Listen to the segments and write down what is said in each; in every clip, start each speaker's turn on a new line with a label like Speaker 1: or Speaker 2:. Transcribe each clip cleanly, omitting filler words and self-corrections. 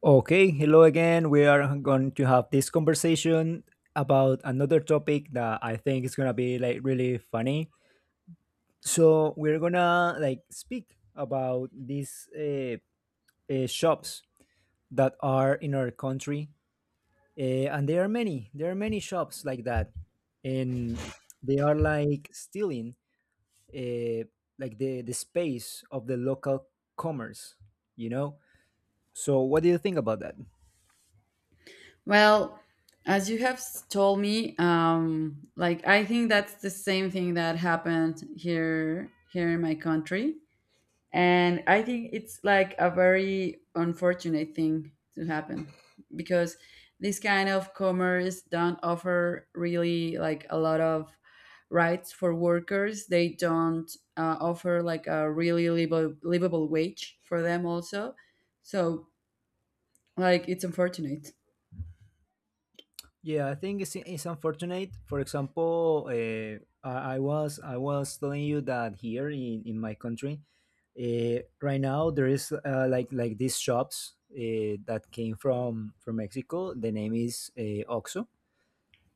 Speaker 1: Okay, hello again. We are going to have this conversation about another topic that I think is gonna be like really funny. So we're gonna like speak about these shops that are in our country, and there are many. There are many shops like that, and they are like stealing uh, like the space of the local commerce. You know. So what do you think about that?
Speaker 2: Well, as you have told me, like I think that's the same thing that happened here in my country, and I think it's like a very unfortunate thing to happen because this kind of commerce don't offer really like a lot of rights for workers. They don't offer like a really livable wage for them also. So like it's unfortunate.
Speaker 1: Yeah, I think it's unfortunate. For example, I was telling you that here in my country, right now there is like these shops that came from Mexico. The name is Oxxo,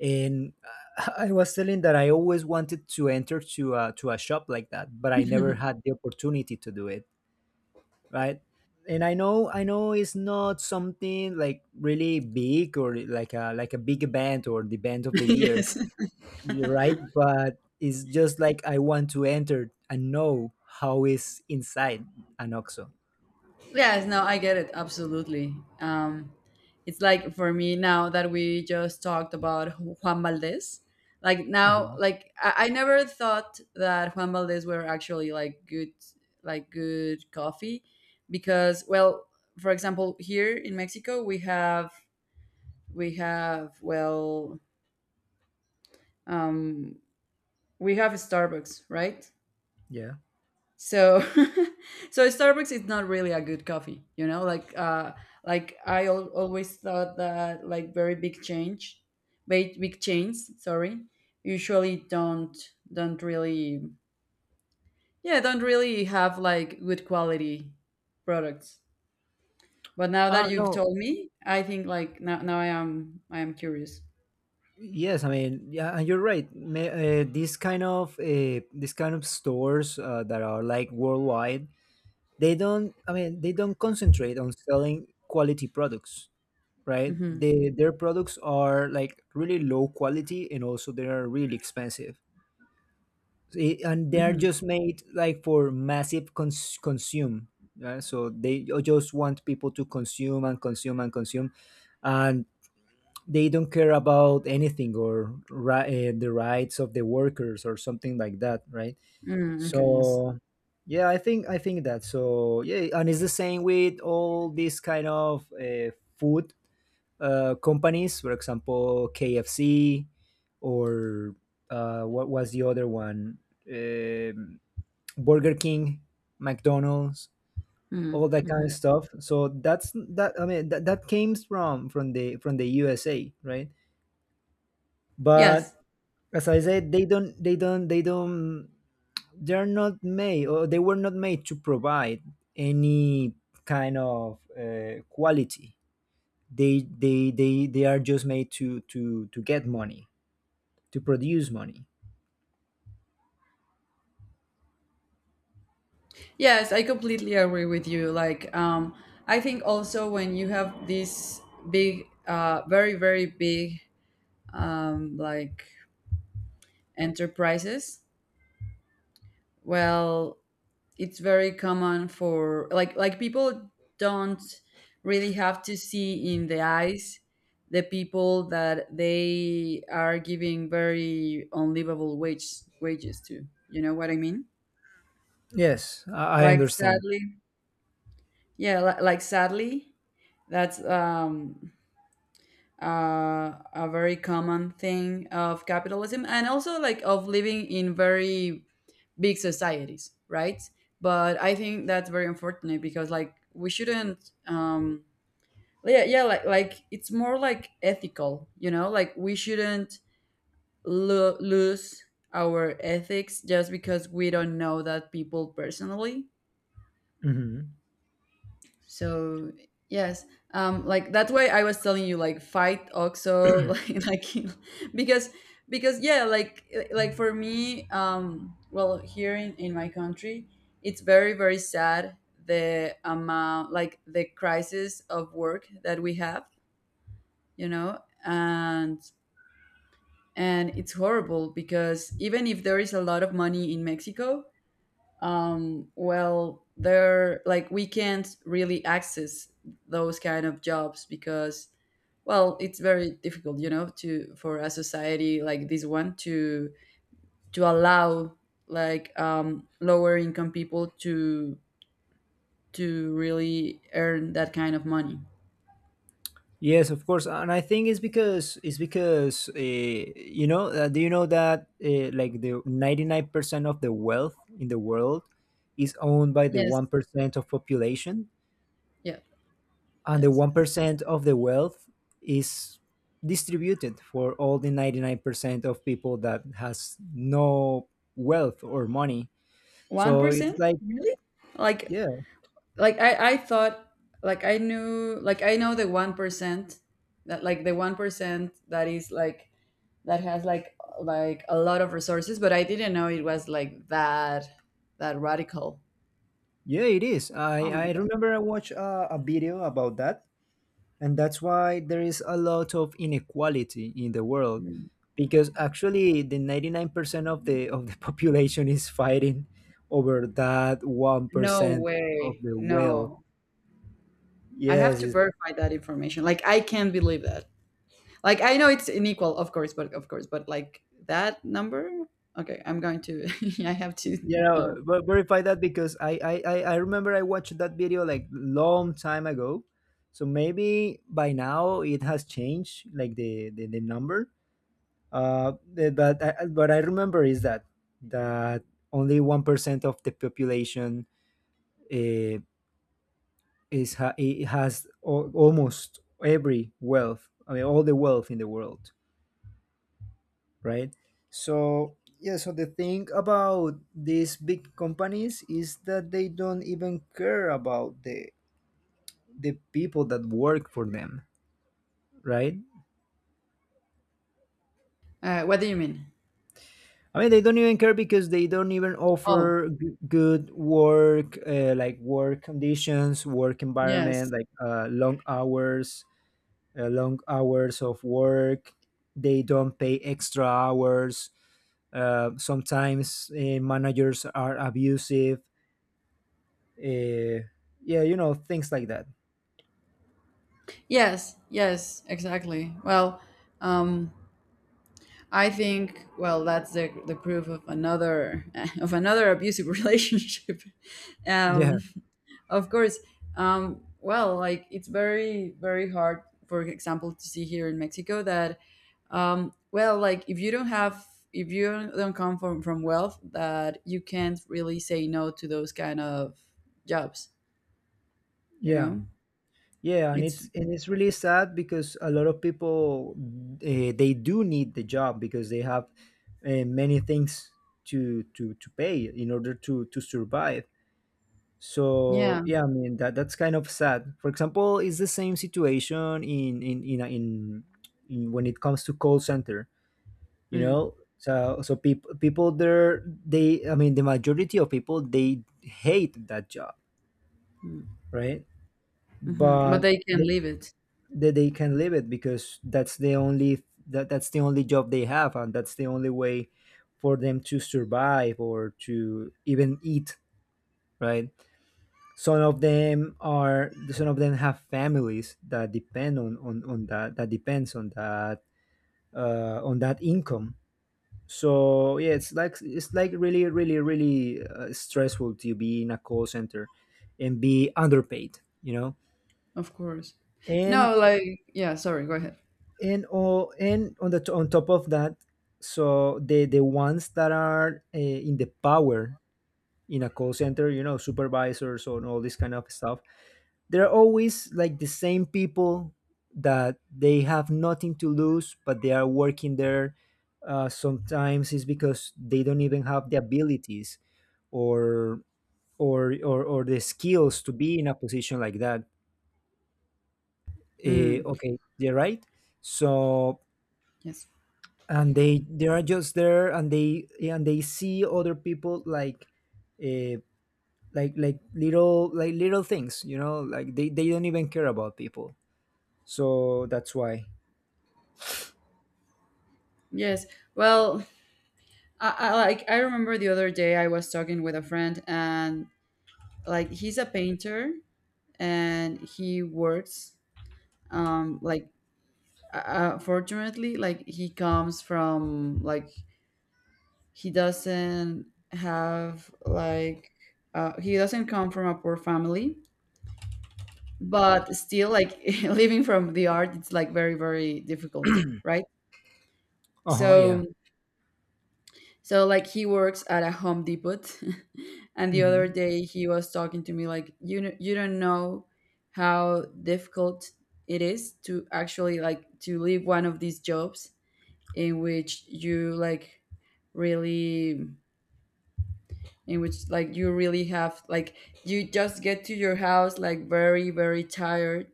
Speaker 1: and I was telling that I always wanted to enter to to a shop like that, but I never had the opportunity to do it, right. And I know it's not something like really big or like a big event or the event of the year.
Speaker 2: Yes.
Speaker 1: You're right, but it's just like I want to enter and know how is inside an oxo.
Speaker 2: Yes, no, I get it absolutely. It's like for me now that we just talked about Juan Valdez. Like now,
Speaker 1: Uh-huh.
Speaker 2: like I never thought that Juan Valdez were actually like good coffee, because well, for example, here in Mexico we have well, um, we have Starbucks, right?
Speaker 1: Yeah.
Speaker 2: So so Starbucks is not really a good coffee, like I always thought that like very big change, big, big chains, sorry, usually don't really, yeah, don't really have like good quality products. But now
Speaker 1: Oh
Speaker 2: that you've
Speaker 1: no.
Speaker 2: told me, I think like now I am curious.
Speaker 1: Yes, yeah, and you're right, these kind of stores that are like worldwide, they don't, they don't concentrate on selling quality products, right?
Speaker 2: Mm-hmm.
Speaker 1: They, their products are like really low quality and also they are really expensive. And they're
Speaker 2: Mm-hmm.
Speaker 1: just made like for massive consume. Yeah? So they just want people to consume and consume and consume, and they don't care about anything or the rights of the workers or something like that, right?
Speaker 2: Mm, okay, yes.
Speaker 1: So yeah, I think that. So yeah, and it's the same with all this kind of food companies, for example, KFC or what was the other one? Um, Burger King, McDonald's, all that
Speaker 2: Mm-hmm.
Speaker 1: kind of
Speaker 2: Mm-hmm.
Speaker 1: stuff. So that's that. I mean, that came from the USA, right? But
Speaker 2: Yes.
Speaker 1: as I said, they don't. They're not made, or they were not made to provide any kind of quality. They are just made to to get money. To produce money.
Speaker 2: Yes, I completely agree with you. Like, I think also when you have these big, very, very big, like enterprises, well, it's very common for like people don't really have to see in the eyes the people that they are giving very unlivable wages to. You know what I mean?
Speaker 1: Yes, I
Speaker 2: Like
Speaker 1: understand.
Speaker 2: sadly, yeah, like sadly, that's a very common thing of capitalism and also like of living in very big societies, right? But I think that's very unfortunate because like we shouldn't, yeah, yeah, like it's more like ethical, like we shouldn't lose our ethics just because we don't know that people personally.
Speaker 1: Hmm.
Speaker 2: So yes, like that's why I was telling you like fight Oxo, like, because because yeah, like for me, well, here in my country, it's very, very sad, the amount like the crisis of work that we have, you know and and it's horrible because even if there is a lot of money in Mexico, well, there like we can't really access those kind of jobs because well, it's very difficult, to for a society like this one to allow like lower income people to really earn that kind of money.
Speaker 1: Yes, of course, and I think it's because do you know that like the 99% of the wealth in the world is owned by the
Speaker 2: Yes.
Speaker 1: 1% of population,
Speaker 2: Yeah.
Speaker 1: and the
Speaker 2: Yes.
Speaker 1: one
Speaker 2: Yes.
Speaker 1: percent of the wealth is distributed for all the 99% of people that has no wealth or money.
Speaker 2: one
Speaker 1: So it's
Speaker 2: percent
Speaker 1: like,
Speaker 2: really? like
Speaker 1: yeah.
Speaker 2: like I thought, like I knew, like I know the 1%, that like the 1% that is like, that has like a lot of resources, but I didn't know it was like that radical.
Speaker 1: Yeah, it is.
Speaker 2: Oh my
Speaker 1: I
Speaker 2: god.
Speaker 1: remember I watched a video about that, and that's why there is a lot of inequality in the world, because actually the 99% of the population is fighting over that one
Speaker 2: No
Speaker 1: percent of
Speaker 2: way.
Speaker 1: the wealth.
Speaker 2: No. I have
Speaker 1: Yes,
Speaker 2: to
Speaker 1: it's,
Speaker 2: verify that information. Like I can't believe that. Like I know it's unequal, of course, but like that number? Okay, I'm going to I have to
Speaker 1: you know,
Speaker 2: know.
Speaker 1: verify that because I remember I watched that video like long time ago, so maybe by now it has changed, like the number. Eh, but what I remember is that only 1% of the population uh, is it has almost every wealth. I mean, all the wealth in the world, right? So yeah. So the thing about these big companies is that they don't even care about the people that work for them, right?
Speaker 2: What do you mean?
Speaker 1: I mean, they don't even care because they don't even
Speaker 2: Oh,
Speaker 1: offer good work, like work conditions, work environment,
Speaker 2: yes.
Speaker 1: like long hours of work. They don't pay extra hours. Sometimes managers are abusive. Uh, yeah, you know, things like that.
Speaker 2: Yes, yes, exactly. Well, um, I think, well, that's the proof of another of another abusive relationship.
Speaker 1: Yeah,
Speaker 2: Um, of course, well, like it's very, very hard, for example, to see here in Mexico that well, like if you don't have if you don't come from wealth, that you can't really say no to those kind of jobs. You
Speaker 1: yeah.
Speaker 2: know,
Speaker 1: Yeah, and
Speaker 2: it's
Speaker 1: it's really sad because a lot of people, they do need the job because they have many things to to pay in order to survive. So
Speaker 2: yeah.
Speaker 1: yeah, I mean that that's kind of sad. For example, it's the same situation in when it comes to call center. You
Speaker 2: Mm.
Speaker 1: know, so people there, they, I mean the majority of people, they hate that job,
Speaker 2: Mm.
Speaker 1: right?
Speaker 2: Mhm. But
Speaker 1: But
Speaker 2: they can
Speaker 1: they,
Speaker 2: leave it,
Speaker 1: that they can live it because that, that's the only job they have, and that's the only way for them to survive or to even eat, right? Some of them are, some of them have families that depend on on that, that depends on that, on that income. So yeah, it's like really stressful to be in a call center and be underpaid, you know.
Speaker 2: of course.
Speaker 1: and
Speaker 2: No, like yeah. Sorry, go ahead.
Speaker 1: and oh, and on the on top of that, so the ones that are in the power in a call center, you know, supervisors and all this kind of stuff, they're always like the same people that they have nothing to lose but they are working there, sometimes it's because they don't even have the abilities or or the skills to be in a position like that. Eh,
Speaker 2: Mm,
Speaker 1: okay, you're right. So
Speaker 2: yes,
Speaker 1: and they are just there and they see other people uh, like like little things, you know, like they don't even care about people. So that's why.
Speaker 2: yes. Well, I like I remember the other day I was talking with a friend, and like he's a painter, and he works. Like fortunately, like he comes from, like he doesn't have like, he doesn't come from a poor family, but still like living from the art, it's like very, very difficult, right?
Speaker 1: Uh-huh, yeah.
Speaker 2: So so like he works at a Home Depot. And the other
Speaker 1: Hmm.
Speaker 2: day he was talking to me like, you know, you don't know how difficult it is to actually like to leave one of these jobs in which you like really, in which like you really have like, you just get to your house like very, very tired,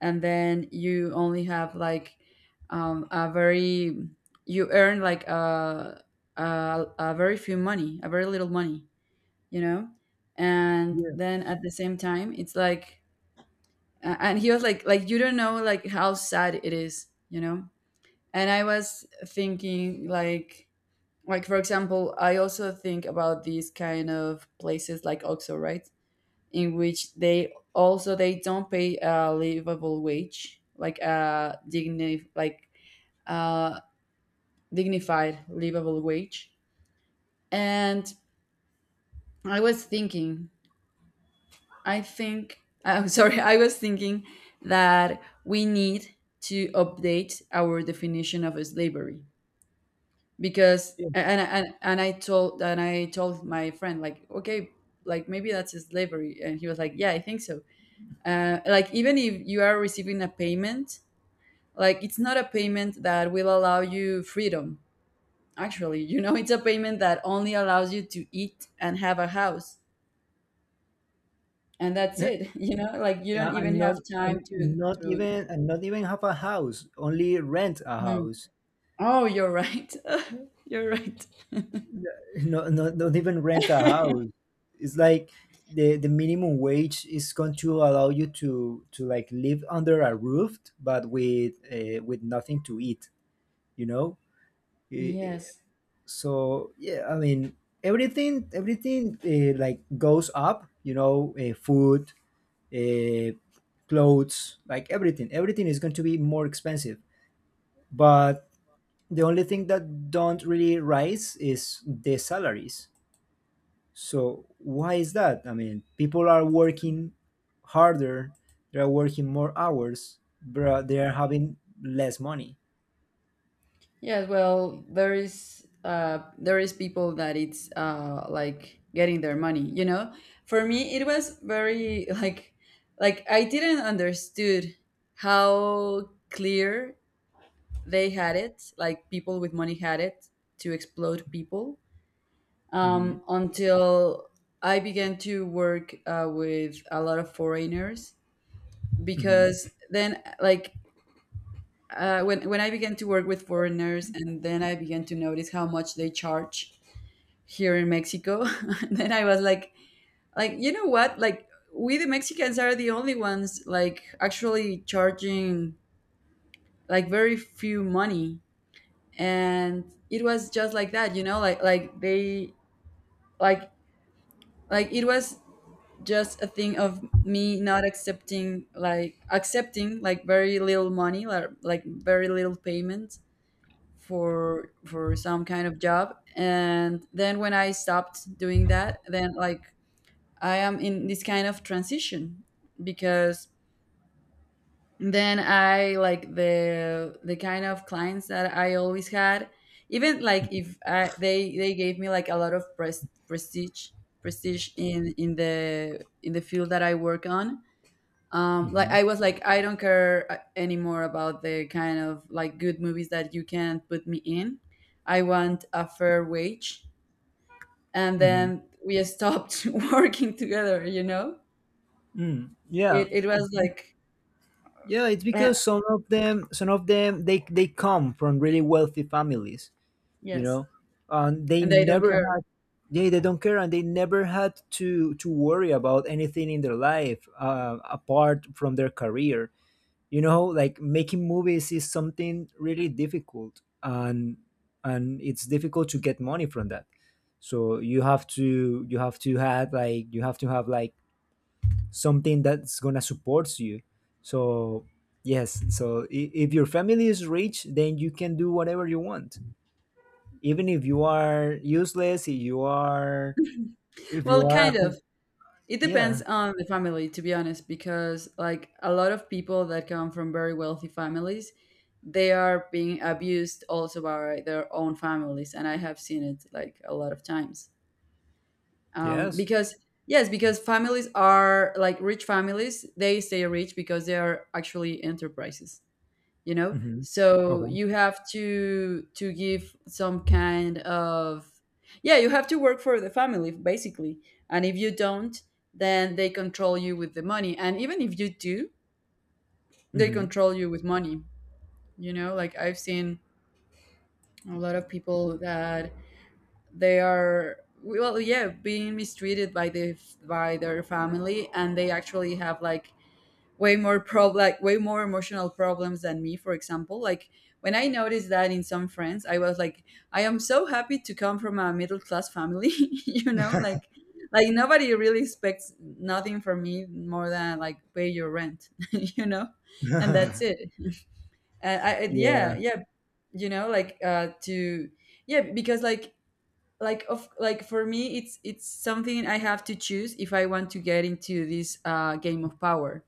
Speaker 2: and then you only have like, a very, you earn like a very few money, a very little money, you know, and
Speaker 1: Yes.
Speaker 2: then at the same time it's like, and he was like you don't know like how sad it is. And I was thinking like for example, I also think about these kind of places like OXO, right? In which they also they don't pay a livable wage, like a dignified livable wage. And I was thinking, I think I'm sorry, I was thinking that we need to update our definition of slavery, because
Speaker 1: Yeah.
Speaker 2: and I told my friend like, okay, like maybe that's a slavery, and he was like, yeah, I think so. Like even if you are receiving a payment, like it's not a payment that will allow you freedom, actually, it's a payment that only allows you to eat and have a house, and that's
Speaker 1: Yeah,
Speaker 2: it. Like you
Speaker 1: yeah,
Speaker 2: don't even have time
Speaker 1: and
Speaker 2: to to
Speaker 1: and not even have a house, only rent a
Speaker 2: Mm.
Speaker 1: house.
Speaker 2: Oh, you're right. You're right.
Speaker 1: No, not even rent a house. It's like the minimum wage is going to allow you to like live under a roof, but with nothing to eat. You know. I- I-
Speaker 2: Yes.
Speaker 1: So yeah, I mean everything like goes up. You know, food, uh, clothes, like everything. Everything is going to be more expensive. But the only thing that don't really rise is the salaries. So why is that? I mean, people are working harder, they are working more hours, but they are having less money.
Speaker 2: Yes, well, there is people that it's like getting their money, you know? For me it was very like I didn't understood how clear they had it, like people with money had it to explode people.
Speaker 1: Hmm.
Speaker 2: Until I began to work with a lot of foreigners,
Speaker 1: Hmm.
Speaker 2: because then like, when I began to work with foreigners, and then I began to notice how much they charge here in Mexico, then I was like, you know what, like we the Mexicans are the only ones like actually charging like very few money, and it was just like that, like they like like it was just a thing of me not accepting like very little money, like very little payments for some kind of job. And then when I stopped doing that, then like I am in this kind of transition, because then I like the kind of clients that I always had, even like if I, they gave me like a lot of prestige in the field that I work on, like
Speaker 1: Hmm.
Speaker 2: I was like, I don't care, anymore about the kind of like good movies that you can put me in. I want a fair wage. And
Speaker 1: Hmm.
Speaker 2: then we stopped working together.
Speaker 1: Mm, yeah,
Speaker 2: It
Speaker 1: it,
Speaker 2: was like,
Speaker 1: yeah, it's
Speaker 2: eh,
Speaker 1: because some of them, they come from really wealthy families, you
Speaker 2: yes,
Speaker 1: know, and they
Speaker 2: and they don't
Speaker 1: never
Speaker 2: care.
Speaker 1: had. Yeah, they don't care, and they never had to worry about anything in their life apart from their career, you know. Like making movies is something really difficult, and it's difficult to get money from that. So you have to, you have to have like you have to have like something that's gonna support you. So yes, if your family is rich, then you can do whatever you want, even if you are useless, if you
Speaker 2: Well,
Speaker 1: are a,
Speaker 2: kind of. It
Speaker 1: yeah.
Speaker 2: depends on the family, to be honest, because like a lot of people that come from very wealthy families, they are being abused also by their own families, and I have seen it like a lot of times,
Speaker 1: Yes.
Speaker 2: because yes, because families are like rich families, they stay rich because they are actually enterprises,
Speaker 1: Hmm.
Speaker 2: so
Speaker 1: Okay.
Speaker 2: you have to give some kind of, yeah, you have to work for the family basically. And if you don't, then they control you with the money, and even if you do, they
Speaker 1: Hmm.
Speaker 2: control you with money, like I've seen a lot of people that they are, well, yeah, being mistreated by the by their family, and they actually have like way more emotional problems than me, for example. Like when I noticed that in some friends, I was like, I am so happy to come from a middle class family. you know like like nobody really expects nothing from me, more than like pay your rent. And that's it. And I
Speaker 1: Yeah.
Speaker 2: yeah, yeah, you know, like, to yeah, because like for me it's something I have to choose if I want to get into this game of power,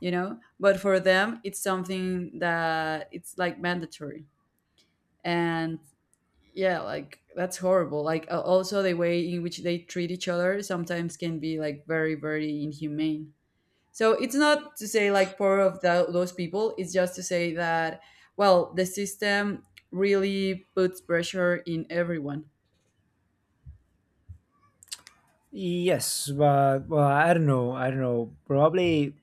Speaker 2: but for them it's something that it's like mandatory. And yeah, like that's horrible, like also the way in which they treat each other sometimes can be like very, very inhumane. So it's not to say like poor of those people, it's just to say that, well, the system really puts pressure in everyone.
Speaker 1: Yes, but well, I don't know. I don't know. Probably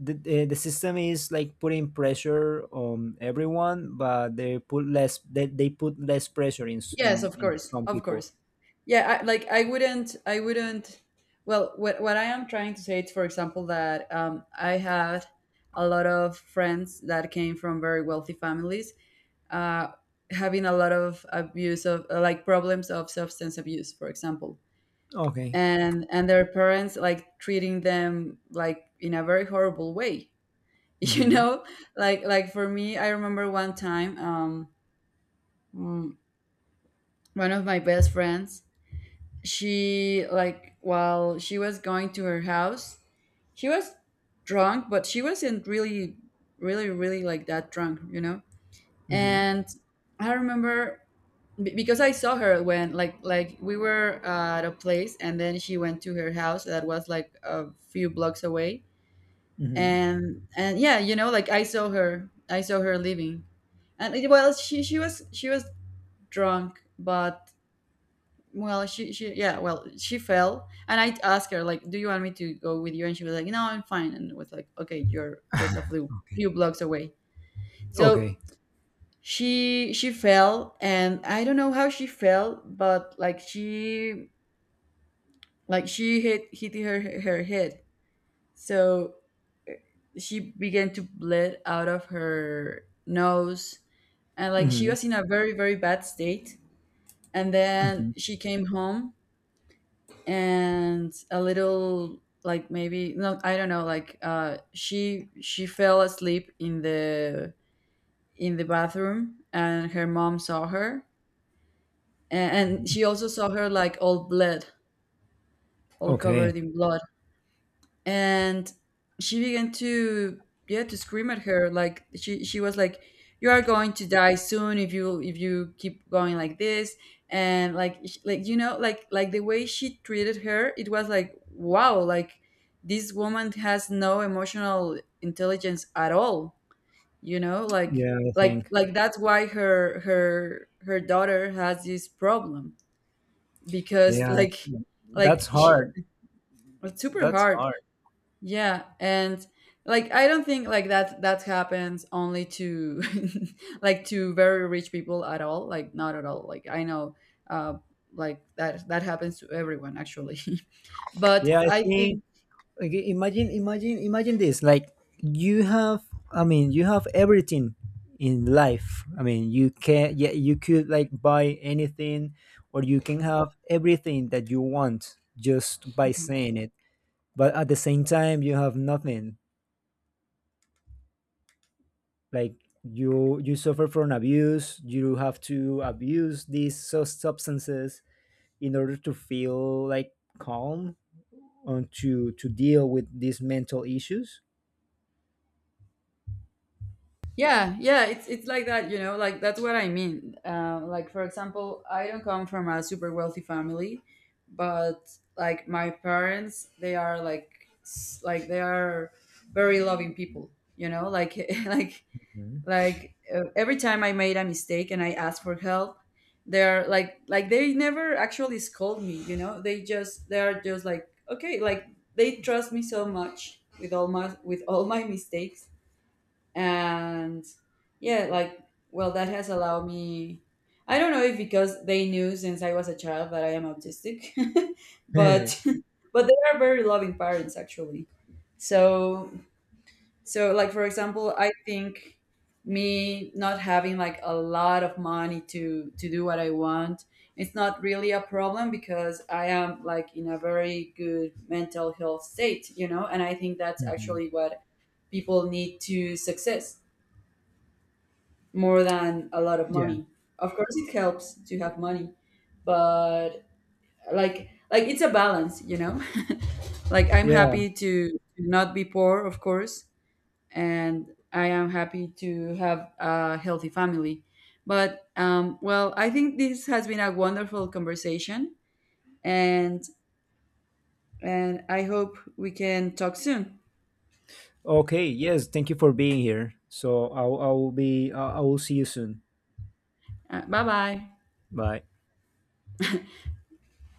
Speaker 1: the system is like putting pressure on everyone, but they put less. They put less pressure in
Speaker 2: Yes, of
Speaker 1: in
Speaker 2: course,
Speaker 1: some
Speaker 2: of
Speaker 1: people.
Speaker 2: course. Yeah, like I wouldn't. Well, what I am trying to say is, for example, that I had a lot of friends that came from very wealthy families, uh, having a lot of abuse of like problems of substance abuse, for example,
Speaker 1: Okay.
Speaker 2: and their parents like treating them like in a very horrible way. You
Speaker 1: Mm-hmm.
Speaker 2: know, like for me, I remember one time, mm, one of my best friends, she, like, while she was going to her house she was drunk, but she wasn't really like that drunk.
Speaker 1: Mm-hmm.
Speaker 2: And I remember because I saw her when, like we were at a place, and then she went to her house that was like a few blocks away.
Speaker 1: Mm-hmm.
Speaker 2: And yeah, you know, like, I saw her, I saw her leaving. And it, well she she was she was drunk, but, well she yeah, well, she fell, and I asked her like, do you want me to go with you? And she was like, no, I'm fine. And was like, okay, you're just a few
Speaker 1: Okay.
Speaker 2: few blocks away. So
Speaker 1: Okay.
Speaker 2: she fell, and I don't know how she fell, but like she hit her head, so she began to bleed out of her nose. And like, she
Speaker 1: Mm-hmm.
Speaker 2: was in a very very bad state. And then
Speaker 1: Mm-hmm.
Speaker 2: she came home, and a little, like, maybe, no, I don't know, like, she fell asleep in the bathroom, and her mom saw her. And she also saw her like all bled, all covered
Speaker 1: Okay.
Speaker 2: in blood. And she began to, yeah, to scream at her. Like, she was like, you are going to die soon if you keep going like this. And like, the way she treated her, it was like, wow, like, this woman has no emotional intelligence at all, you know. like
Speaker 1: Yeah, I
Speaker 2: like
Speaker 1: think.
Speaker 2: like that's why her daughter has this problem, because,
Speaker 1: Yeah,
Speaker 2: like
Speaker 1: that's
Speaker 2: like she,
Speaker 1: hard.
Speaker 2: it's super
Speaker 1: That's
Speaker 2: hard.
Speaker 1: hard.
Speaker 2: Yeah. And like, I don't think like that happens only to like to very rich people at all. Like, not at all. Like, I know, uh like that happens to everyone, actually. But
Speaker 1: Yeah, I
Speaker 2: I
Speaker 1: think,
Speaker 2: think,
Speaker 1: okay, imagine this. Like, you have, I mean, you have everything in life. I mean, you can, yeah, you could like buy anything, or you can have everything that you want just by saying it, but at the same time you have nothing. Like, you suffer from abuse, you have to abuse these substances in order to feel like calm and to deal with these mental issues.
Speaker 2: yeah, it's like that, you know, like that's what I mean. Like, for example, I don't come from a super wealthy family, but like my parents, they are like, s- like they are very loving people, you know, like, like
Speaker 1: Mhm.
Speaker 2: like, every time I made a mistake and I asked for help, they're like, they never actually scold me, you know. They just, they're just like, okay, like, they trust me so much with all my, with all my mistakes. And yeah, like, well, that has allowed me, I don't know, if because they knew since I was a child that I am autistic. But but they are very loving parents, actually. So, so, like, for example, I think me not having like a lot of money to do what I want, it's not really a problem, because I am like in a very good mental health state, you know. And I think that's
Speaker 1: Mhm.
Speaker 2: actually what people need to success more than a lot of
Speaker 1: Yeah.
Speaker 2: money. Of course, it helps to have money, but like it's a balance, you know. Like, I'm
Speaker 1: Yeah.
Speaker 2: happy to not be poor, of course, and I am happy to have a healthy family. But well, I think this has been a wonderful conversation, and and I hope we can talk soon.
Speaker 1: Okay. Yes. Thank you for being here. So I will be, I will see you soon.
Speaker 2: Bye bye.
Speaker 1: Bye.